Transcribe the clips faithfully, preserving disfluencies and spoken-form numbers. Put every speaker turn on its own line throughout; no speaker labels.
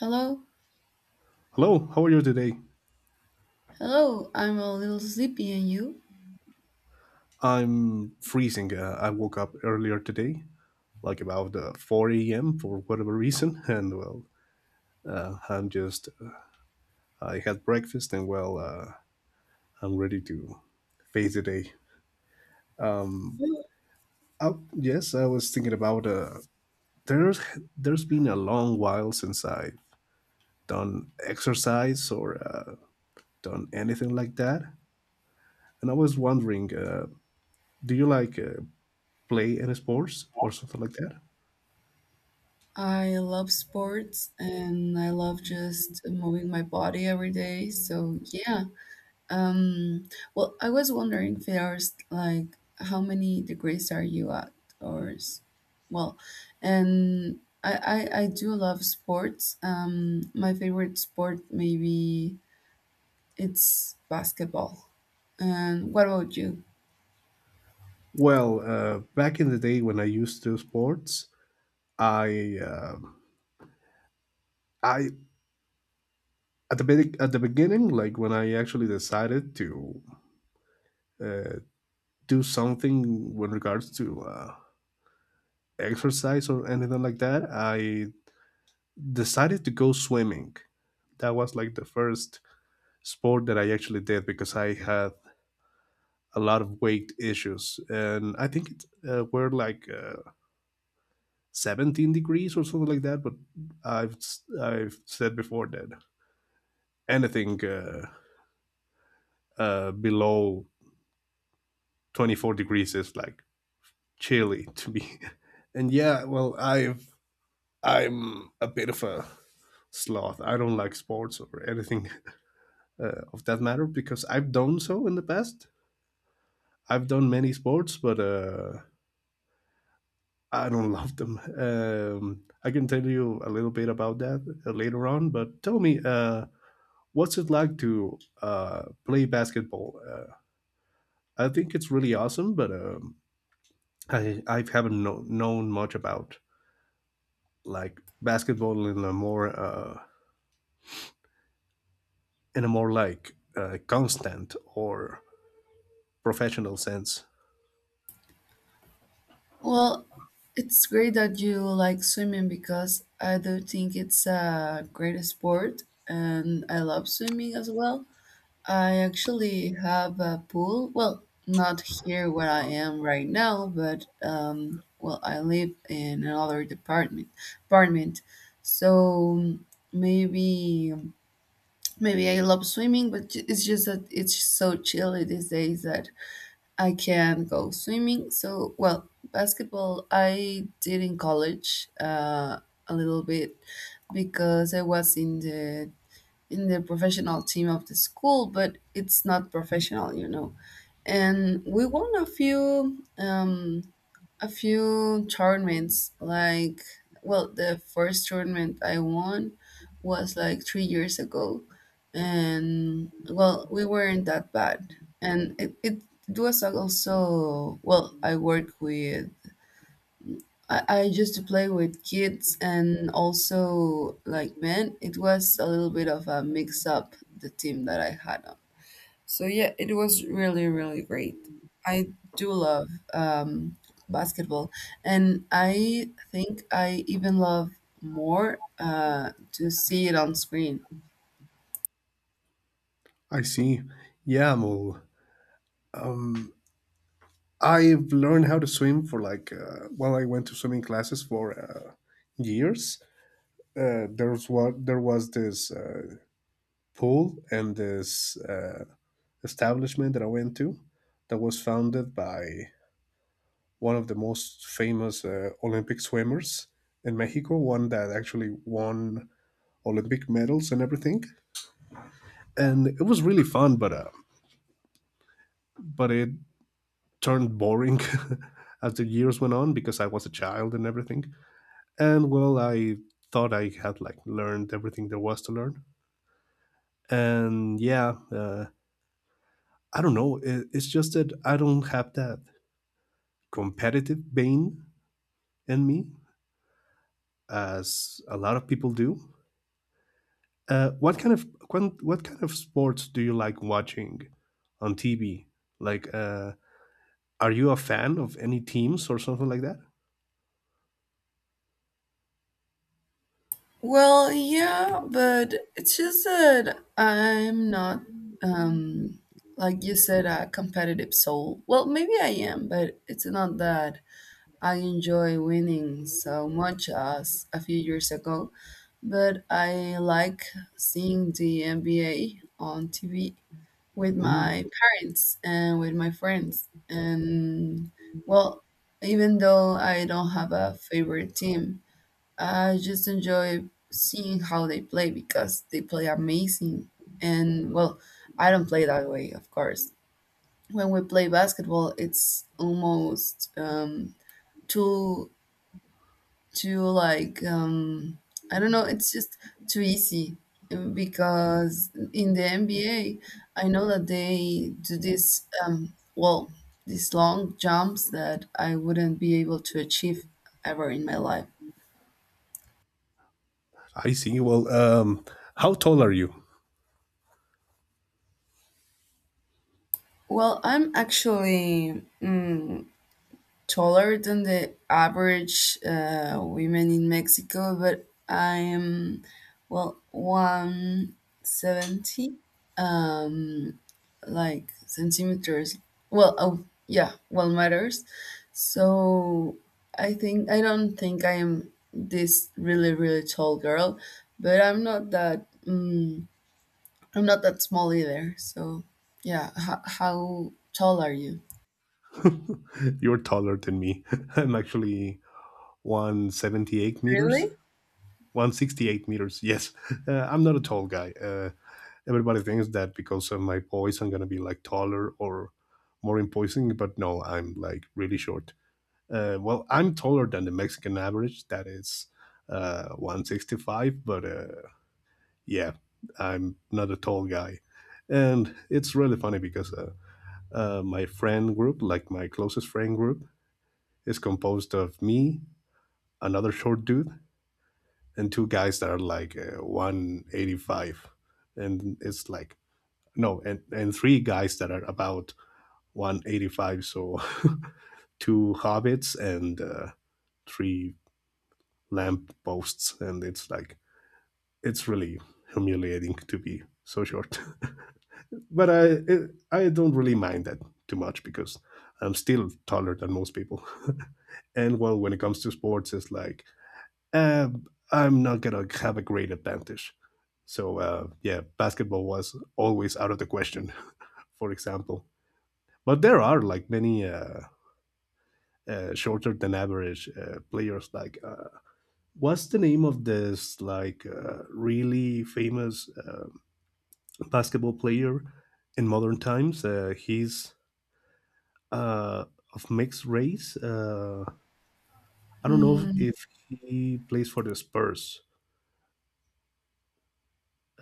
Hello,
Hello, how are you today?
hello. I'm a little sleepy, and you?
I'm freezing. Uh, I woke up earlier today, like about uh, four a m for whatever reason, and well, uh, I'm just, uh, I had breakfast and well, uh, I'm ready to face the day. Oh, yes, I was thinking about, uh, there's, there's been a long while since I've done exercise or uh, done anything like that. And I was wondering, uh, do you like uh, play any sports or something like that?
I love sports and I love just moving my body every day. So yeah. Um. Well, I was wondering, Firas, like, how many degrees are you at, or, s- well, and I I, I do love sports. Um, my favorite sport maybe it's basketball. And what about you?
Well, uh, back in the day when I used to do sports, I uh, I at the be- at the beginning, like when I actually decided to uh, do something with regards to uh, exercise or anything like that, I decided to go swimming. That was like the first sport that I actually did because I had a lot of weight issues, and I think it uh, were like uh, seventeen degrees or something like that. But I've s- I've said before that anything uh, uh, below twenty-four degrees is like chilly to me. and yeah, well, I've I'm a bit of a sloth. I don't like sports or anything uh, of that matter because I've done so in the past. I've done many sports, but uh, I don't love them. Um, I can tell you a little bit about that uh, later on. But tell me, uh, what's it like to uh, play basketball? Uh, I think it's really awesome, but um, I I haven't know, known much about like basketball in a more uh, in a more like uh, constant or professional sense.
Well, it's great that you like swimming because I do think it's a great sport and I love swimming as well. I actually have a pool. Well, not here where I am right now, but um, well, I live in another department apartment. So maybe maybe I love swimming, but ju- it's just that it's so chilly these days that I can go swimming. So, well, basketball I did in college uh, a little bit because I was in the in the professional team of the school, but it's not professional, you know. And we won a few. Um, a few tournaments like well the first tournament I won was like three years ago, and well, we weren't that bad. And it, it, it was also, well, i work with I, I used to play with kids and also like men. It was a little bit of a mix up, the team that I had. So yeah, it was really, really great. I do love um, basketball, and I think I even love more uh, to see it on screen.
I see. Yeah, well, I've learned how to swim for like uh, well, I went to swimming classes for uh, years. Uh, there was what there was this uh, pool and this uh, establishment that I went to that was founded by one of the most famous uh, Olympic swimmers in Mexico, one that actually won Olympic medals and everything. And it was really fun, but uh, but it turned boring as the years went on because I was a child and everything. And well, I thought I had like learned everything there was to learn. And yeah, uh, I don't know. It, it's just that I don't have that competitive vein in me as a lot of people do. Uh, what kind of what, what kind of sports do you like watching on T V? Like, uh, are you a fan of any teams or something like that?
Well, yeah, but it's just that I'm not, um, like you said, a competitive soul. Well, maybe I am, but it's not that I enjoy winning so much as a few years ago, but I like seeing the N B A on T V with
Ooh,
my parents and with my friends. And well, even though I don't have a favorite team, I just enjoy seeing how they play because they play amazing. And well, I don't play that way, of course. When we play basketball, it's almost um, two to like um I don't know, it's just too easy. Um, because in the NBA, I know that they do this um well, these long jumps that I wouldn't be able to achieve ever in my life.
I see. Well, um, how tall are you?
Well, I'm actually mm, taller than the average uh, women in Mexico, but I am, well, one seventy like centimeters, well, oh yeah, well, matters. So I think I don't think I am this really, really tall girl, but I'm not that um, I'm not that small either. So yeah. H- how tall are you?
You're taller than me. I'm actually one seventy-eight meters, one sixty-eight meters. Yes, uh, I'm not a tall guy. Uh, everybody thinks that because of my voice, I'm gonna be like taller or more imposing, but no, I'm like really short. Uh, well, I'm taller than the Mexican average. That is uh, one sixty-five, but uh, yeah, I'm not a tall guy. And it's really funny because uh, uh, my friend group, like my closest friend group, is composed of me, another short dude, and two guys that are like uh, one eighty-five. And it's like, no, and, and three guys that are about one eighty-five. So two hobbits and uh, three lamp posts, and it's like it's really humiliating to be so short. but I it, I don't really mind that too much because I'm still taller than most people. And well, when it comes to sports, it's like eh, I'm not gonna have a great advantage. So uh, yeah, basketball was always out of the question. For example, but there are like many. Uh, uh, shorter than average uh, players. Like, uh, what's the name of this like uh, really famous uh, basketball player in modern times? Uh, he's uh, of mixed race. Uh, I don't know
Really?
if he plays for the Spurs.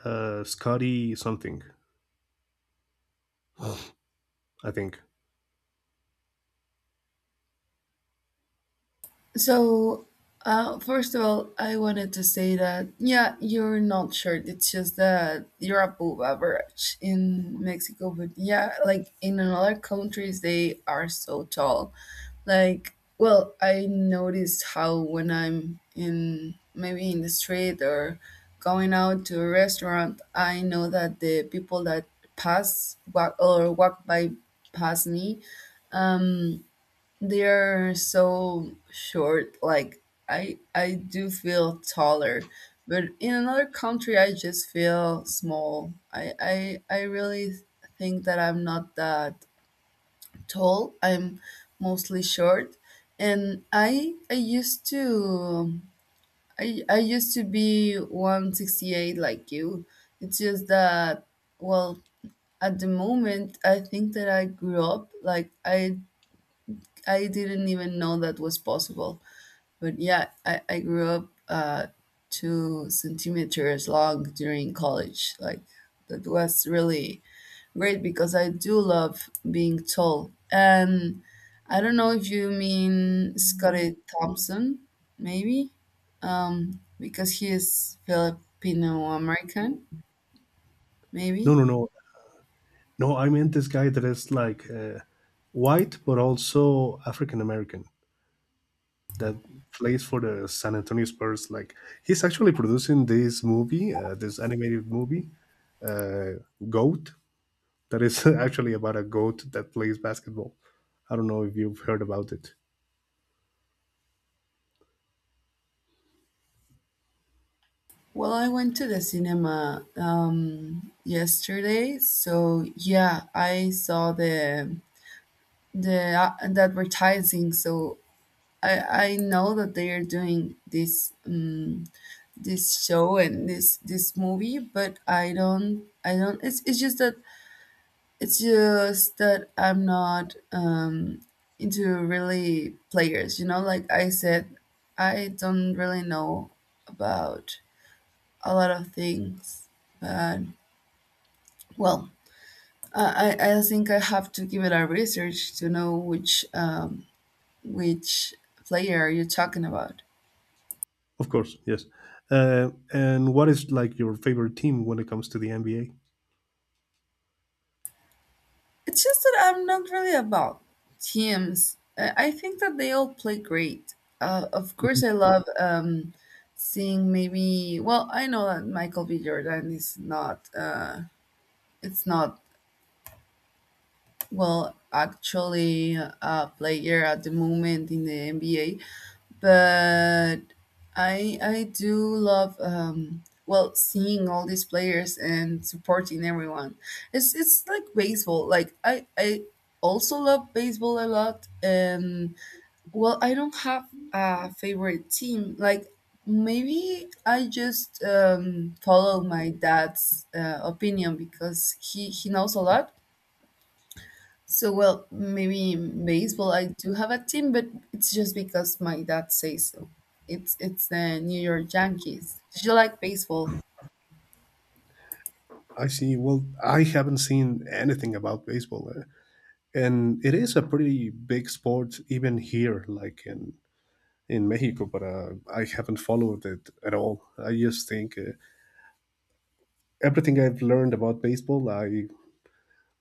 Uh, Scotty something, I think.
So, uh, first of all, I wanted to say that, yeah, you're not short. It's just that you're above average in Mexico. But yeah, like in another countries, they are so tall. Like, well, I noticed how when I'm in maybe in the street or going out to a restaurant, I know that the people that pass walk, or walk by past me, they're so short. Like I I do feel taller, but in another country I just feel small. I I I really think that I'm not that tall. I'm mostly short, and I I used to I I used to be one sixty-eight like you. It's just that, well, at the moment I think that I grew up. Like i i didn't even know that was possible, but yeah, I, I grew up uh, two centimeters long during college. Like, that was really great because I do love being tall. And I don't know if you mean Scotty Thompson, maybe, um, because he is Filipino American,
No,
maybe.
no, no, no. I meant this guy that is like uh, white but also African American that plays for the San Antonio Spurs. Like he's actually producing this movie, uh, this animated movie, uh, Goat. that is actually about a goat that plays basketball. I don't know if you've heard about it.
Well, I went to the cinema um, yesterday, so yeah, I saw the the uh, the advertising. So I I know that they are doing this um this show and this this movie, but I don't I don't. It's it's just that it's just that I'm not um into really players. You know, like I said, I don't really know about a lot of things, but well. I, I I think I have to give it a research to know which um, which player are you talking about?
Of course, yes. Uh, and what is like your favorite team when it comes to the N B A?
It's just that I'm not really about teams. Uh, I think that they all play great. Uh, of course,
Mhm.
I love um, seeing maybe. Well, I know that Michael B. Jordan is not. Uh, it's not, well, actually, a player at the moment in the N B A, but I I do love um, well, seeing all these players and supporting everyone. It's it's like baseball. Like I I also love baseball a lot, and well, I don't have a favorite team. Like, maybe I just um, follow my dad's uh, opinion because he he knows a lot. So, well, maybe in baseball I do have a team, but it's just because my dad says so. It's it's the New York Yankees. Do you like baseball?
I see. Well, I haven't seen anything about baseball, uh, and it is a pretty big sport even here, like in in Mexico. But uh, I haven't followed it at all. I just think uh, everything I've learned about baseball, I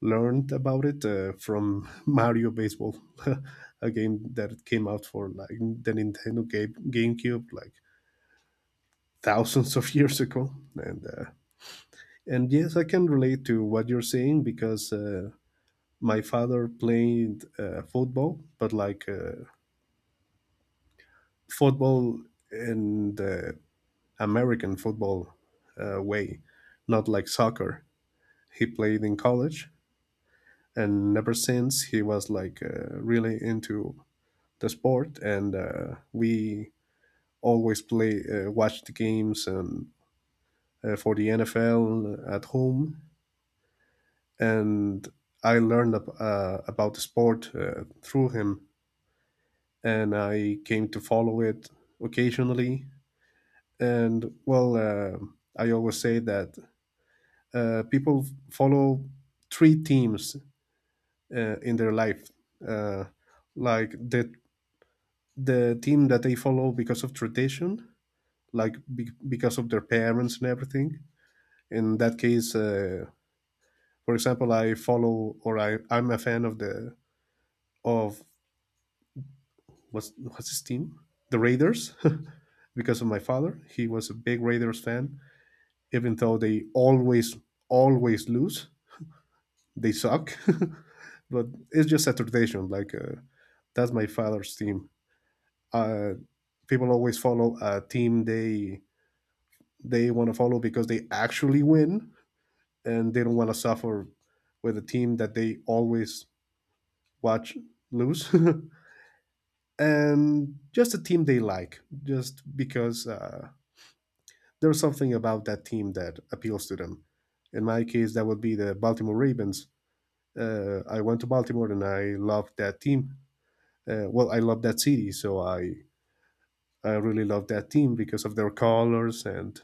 learned about it uh, from Mario Baseball, a game that came out for like the Nintendo game, GameCube like thousands of years ago. And uh, and yes, I can relate to what you're saying because uh, my father played uh, football, but like uh, football in the American football uh, way, not like soccer. He played in college, and ever since he was like uh, really into the sport, and uh, we always play uh, watch the games and uh, for the N F L at home. And I learned uh, about the sport uh, through him, and I came to follow it occasionally. And well, uh, I always say that uh, people follow three teams uh, in their life, uh, like the the team that they follow because of tradition, like be- because of their parents and everything. In that case, uh, for example, I follow or I I'm a fan of the of what's what's his team, the Raiders, because of my father. He was a big Raiders fan, even though they always always lose. They suck, but it's just a tradition. Like uh, that's my father's team. Uh, people always follow a team they they want to follow because they actually win and they don't want to suffer with a team that they always watch lose, and just a team they like just because uh, there's something about that team that appeals to them. In my case that would be the baltimore ravens uh, i went to Baltimore and I loved that team. Uh, well i love that city, so i i really love that team because of their colors and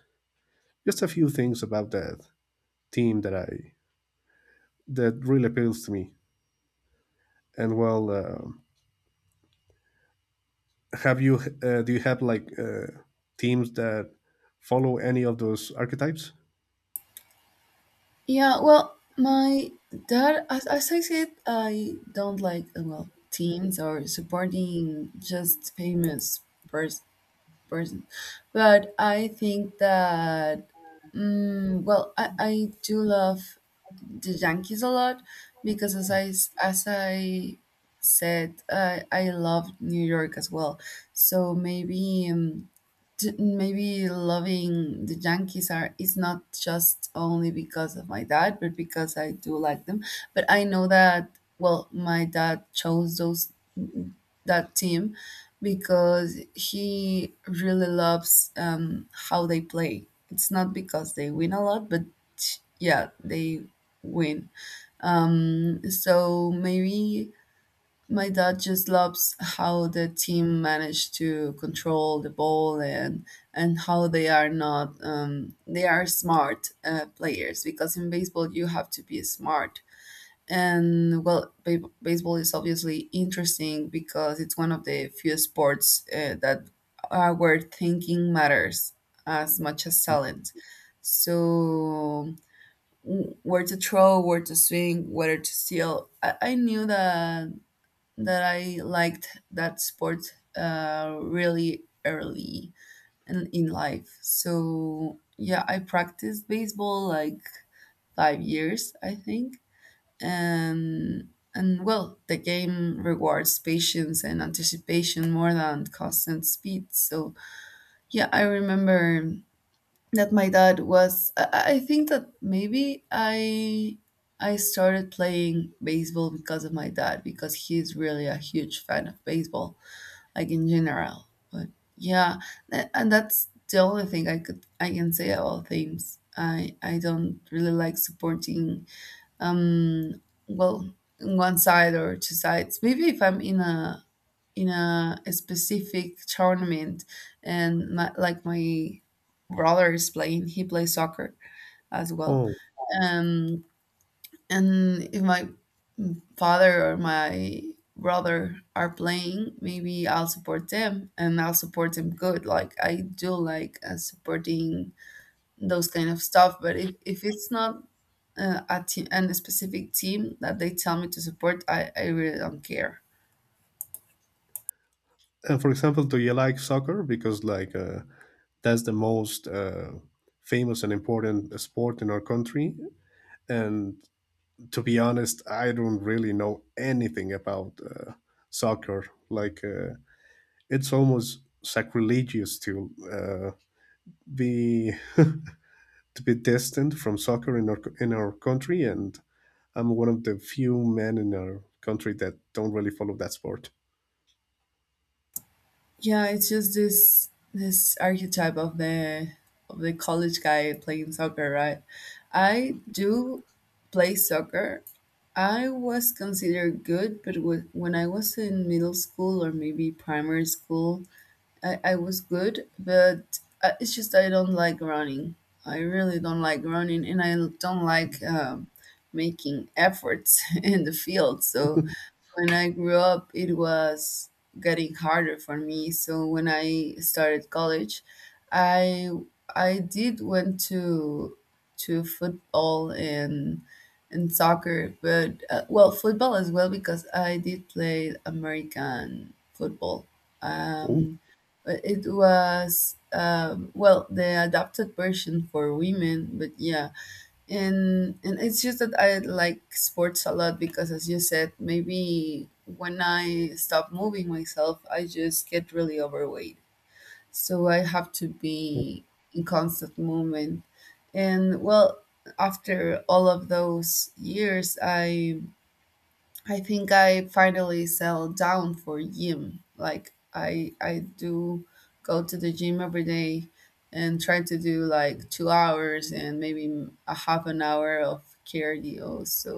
just a few things about that team that i that really appeals to me. And well, um, have you uh, do you have like uh, teams that follow any of those archetypes?
Yeah, well, my dad, as, as I said, I don't like uh, well, teams or supporting just famous pers- person, but I think that mm, well, I I do love the Yankees a lot because as I s- as I said, I I love New York as well. So maybe um, t- maybe loving the Yankees are is not just only because of my dad, but because I do like them. But I know that, well, my dad chose those that team because he really loves um, how they play. It's not because they win a lot, but yeah, they win. So maybe my dad just loves how the team managed to control the ball and and how they are not um, they are smart uh, players because in baseball you have to be smart. And well, ba- baseball is obviously interesting because it's one of the few sports uh, that are where thinking matters as much as talent. So w- where to throw, where to swing, whether to steal. I, I knew that that I liked that sport uh, really early in, in life. So yeah, I practiced baseball like five years, I think, and and well, the game rewards patience and anticipation more than constant speed. So yeah, I remember that my dad was. I, I I think that maybe I I started playing baseball because of my dad because he's really a huge fan of baseball like in general. But yeah, tha- and that's the only thing I could I can say about themes. I I don't really like supporting um well one side or two sides. Maybe if I'm in a in a, a specific tournament and my, like my brother is playing. He plays soccer as well.
Oh,
Um, and if my father or my brother are playing, maybe I'll support them and I'll support them good. Like I do like uh, supporting those kind of stuff, but if, if it's not uh, a team and a specific team that they tell me to support, I, I really don't care.
and for example, do you like soccer because like uh, that's the most uh, famous and important sport in our country? And to be honest, I don't really know anything about uh, soccer. Like uh, it's almost sacrilegious to uh, be to be distant from soccer in our in our country, and I'm one of the few men in our country that don't really follow that sport.
Yeah, it's just this this archetype of the of the college guy playing soccer, right? I do play soccer. I was considered good, but wa- when I was in middle school or maybe primary school, I, I was good, but I- it's just I don't like running. I really don't like running, and I don't like um, making efforts in the field. So when I grew up, it was getting harder for me. So when I started college, I I did went to to football and and soccer, but uh, well, football as well because I did play American football.
Oh.
Um, but it was um, well, the adapted version for women, but yeah, and and it's just that I like sports a lot because, as you said, maybe when I stop moving myself, I just get really overweight. So I have to be in constant movement. And well, after all of those years, I I think I finally settled down for gym. Like I I do go to the gym every day and try to do like two hours and maybe a half an hour of cardio. So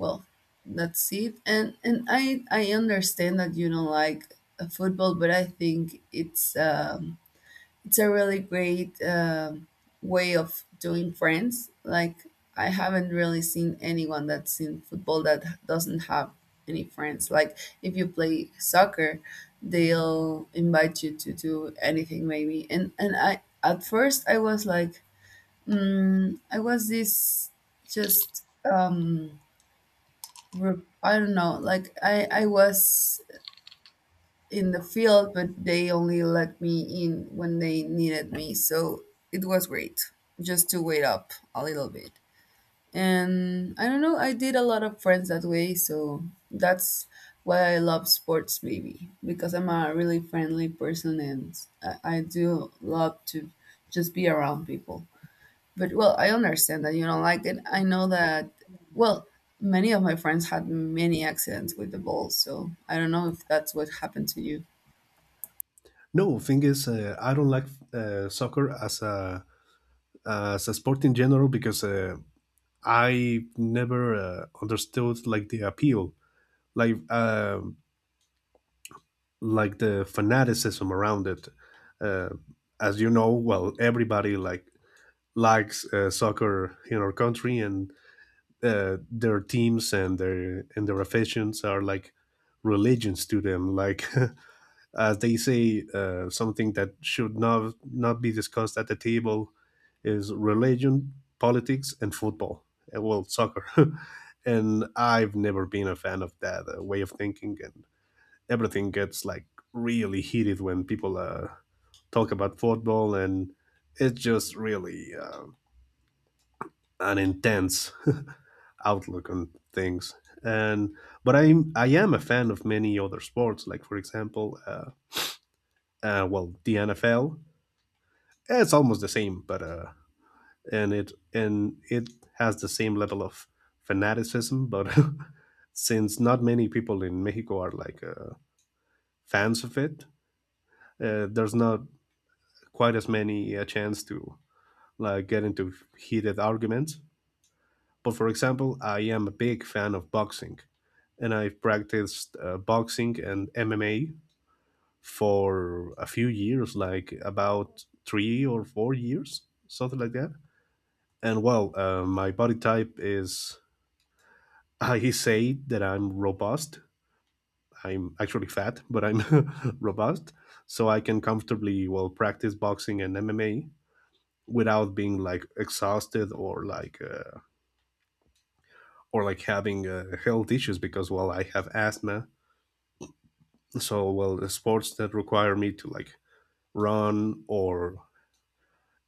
well, that's it. And and I I understand that you don't like uh, football, but I think it's um it's a really great um way of doing friends. Like, I haven't really seen anyone that's in football that doesn't have any friends. Like, if you play soccer, they'll invite you to do anything, maybe. And and I at first I was like, mm, I was this just um, re- I don't know. Like, I I was in the field, but they only let me in when they needed me. So it was great just to wait up a little bit. And I don't know, I did a lot of friends that way. So that's why I love sports, maybe because I'm a really friendly person and I, I do love to just be around people. But well, I understand that you don't like it. I know that, well, many of my friends had many accidents with the ball. So I don't know if that's what happened to you.
No, thing is, uh, I don't like uh, soccer as a as a sport in general because uh, I never uh, understood like the appeal, like um like the fanaticism around it. Uh, as you know, well, everybody like likes uh, soccer in our country, and uh, their teams and their and their affections are like religions to them, like as they say, uh, something that should not not be discussed at the table is religion, politics and football, uh, well soccer. And I've never been a fan of that uh, way of thinking, and everything gets like really heated when people uh, talk about football, and it's just really uh, an intense outlook on things. And but I I am a fan of many other sports, like for example, uh, uh, well, the N F L. It's almost the same, but uh, and it and it has the same level of fanaticism, but since not many people in Mexico are like uh, fans of it, uh, there's not quite as many a chance to like get into heated arguments. But for example, I am a big fan of boxing, and I've practiced uh, boxing and M M A for a few years, like about three or four years, something like that. And well, uh, my body type is I say that I'm robust. I'm actually fat, but I'm robust, so I can comfortably well practice boxing and M M A without being like exhausted or like uh, or like having uh, health issues, because well I have asthma, so well the sports that require me to like run or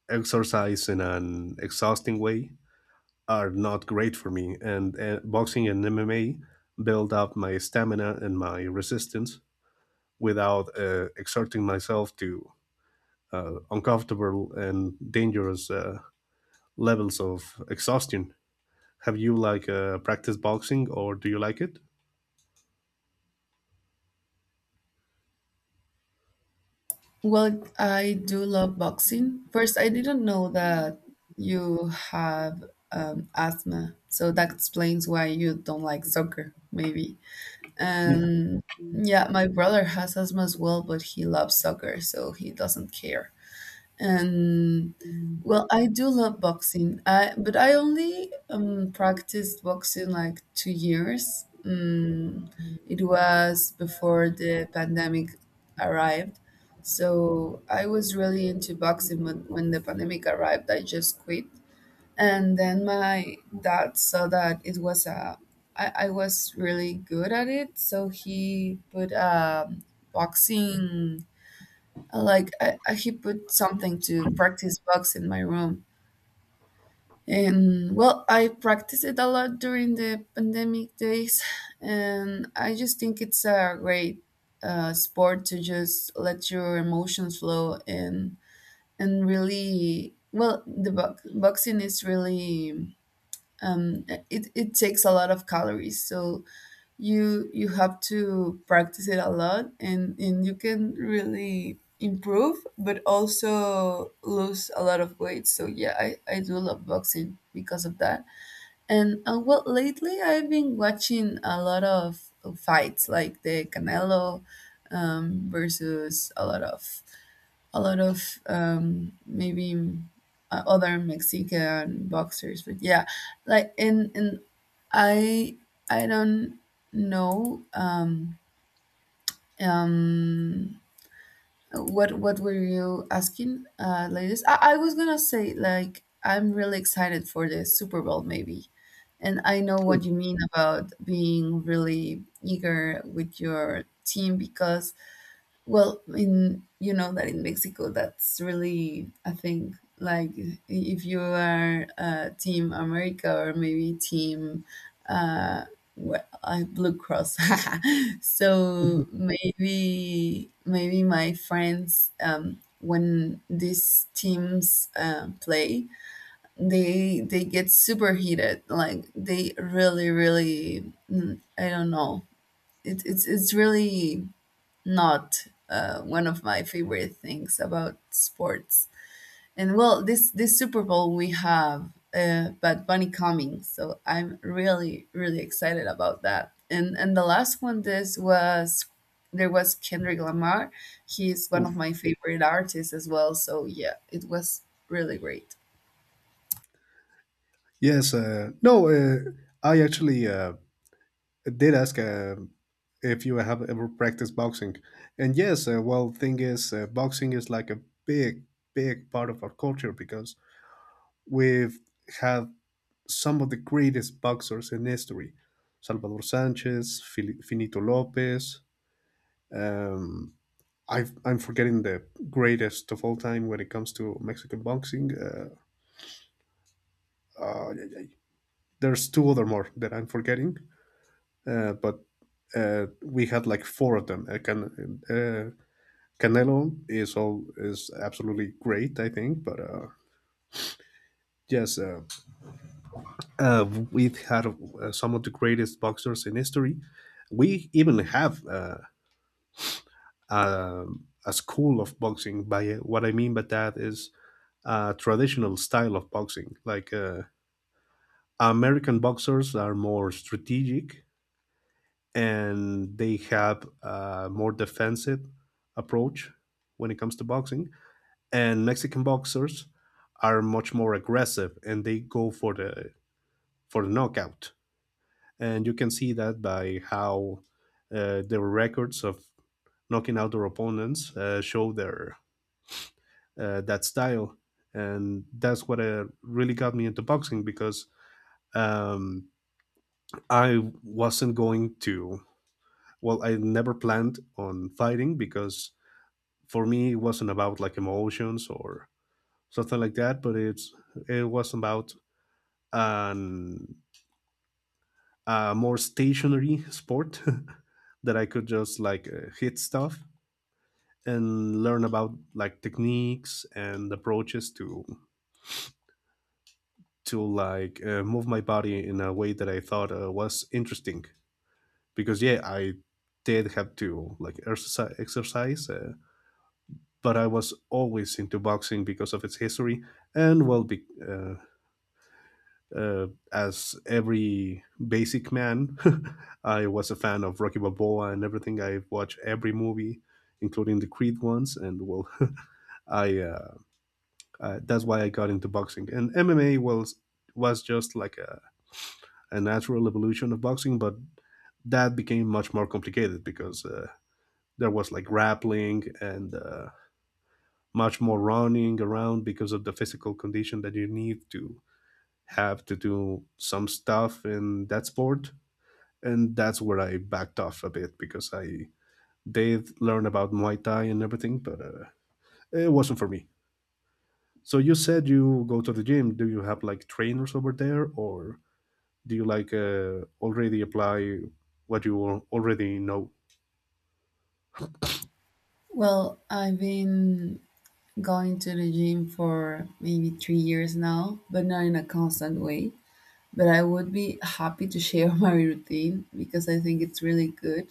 exercise in an exhausting way are not great for me. And uh, boxing and MMA build up my stamina and my resistance without uh, exerting myself to uh, uncomfortable and dangerous uh, levels of exhaustion. Have you like uh, practiced boxing, or do you like it?
Well, I do love boxing. First, I didn't know that you have um, asthma, so that explains why you don't like soccer, maybe.
Yeah.
And yeah, my brother has asthma as well, but he loves soccer, so he doesn't care. And well, I do love boxing. I But I only um, practiced boxing like two years. Mm, it was before the pandemic arrived, so I was really into boxing. But when the pandemic arrived, I just quit. And then my dad saw that it was a I, I was really good at it, so he put a boxing, like, I, I, he put something to practice box in my room, and well, I practiced it a lot during the pandemic days, and I just think it's a great uh, sport to just let your emotions flow and and really well, the bo- boxing is really um, it it takes a lot of calories, so you you have to practice it a lot, and and you can really improve, but also lose a lot of weight. So yeah, I I do love boxing because of that. And uh, well, lately I've been watching a lot of fights, like the Canelo um, versus a lot of a lot of um, maybe uh, other Mexican boxers. But yeah, like and and I I don't know um, um, what what were you asking uh ladies I, I was gonna say, like, I'm really excited for the Super Bowl maybe. And I know what
Oof,
you mean about being really eager with your team because, well, in you know that in Mexico, that's really a thing. Like, if you are uh, Team America or maybe Team uh, well, uh, Blue Cross, so maybe maybe my friends um, when these teams uh, play, they they get super heated. Like they really really, mm, I don't know. It, it's it's really not uh, one of my favorite things about sports. And well, this this Super Bowl we have uh, Bad Bunny coming, so I'm really, really excited about that. And and the last one this was there was Kendrick Lamar. He's one of
oof.
my favorite artists as well. So yeah, it was really great.
Yes, uh, no, uh, i actually uh, did ask uh, if you have ever practiced boxing. And yes, uh, well, thing is, uh, boxing is like a big, big part of our culture because we've had some of the greatest boxers in history: Salvador Sanchez, Fili- Finito Lopez. Um, I've, I'm forgetting the greatest of all time when it comes to Mexican boxing. Uh, uh, there's two other more that I'm forgetting, uh, but uh, we had like four of them. I can uh, Canelo is all is absolutely great, I think. But uh, yes, uh, uh, we've had uh, some of the greatest boxers in history. We even have uh, a, a school of boxing. By what I mean by that is a traditional style of boxing. Like uh, American boxers are more strategic and they have a more defensive approach when it comes to boxing, and Mexican boxers are much more aggressive and they go for the for the knockout. And you can see that by how uh, their records of knocking out their opponents uh, show their uh, that style. And that's what uh, really got me into boxing because um, I wasn't going to. Well, I never planned on fighting because for me it wasn't about like emotions or something like that, but it's it was about an a more stationary sport that I could just like uh, hit stuff and learn about like techniques and approaches to to like uh, move my body in a way that I thought uh, was interesting because yeah I did have to like exercise, exercise uh, but I was always into boxing because of its history. And well be, uh, uh, as every basic man, I was a fan of Rocky Balboa and everything. I watched every movie, including the Creed ones, and well, I uh, uh, that's why I got into boxing. And M M A was was just like a, a natural evolution of boxing, but that became much more complicated because uh, there was like grappling and uh, much more running around because of the physical condition that you need to have to do some stuff in that sport. And that's where I backed off a bit because I did learn about Muay Thai and everything, but uh, it wasn't for me. So you said you go to the gym. Do you have like trainers over there, or do you like uh, already apply what you al- already know?
Well, I've been going to the gym for maybe three years now, but not in a constant way. But I would be happy to share my routine because I think it's really good.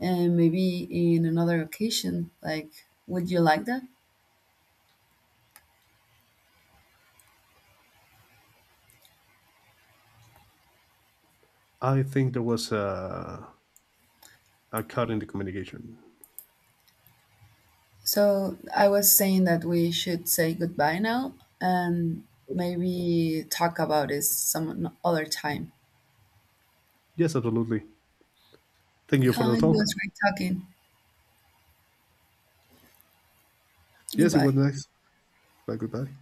And maybe in another occasion, like, would you like that?
I think there was a, a cut in the communication.
So I was saying that we should say goodbye now and maybe talk about this some other time.
Yes, absolutely. Thank you
Yeah.
for
Uh,
the
it
talk.
was great talking.
Yes, it
Goodbye.
was nice. Bye, goodbye.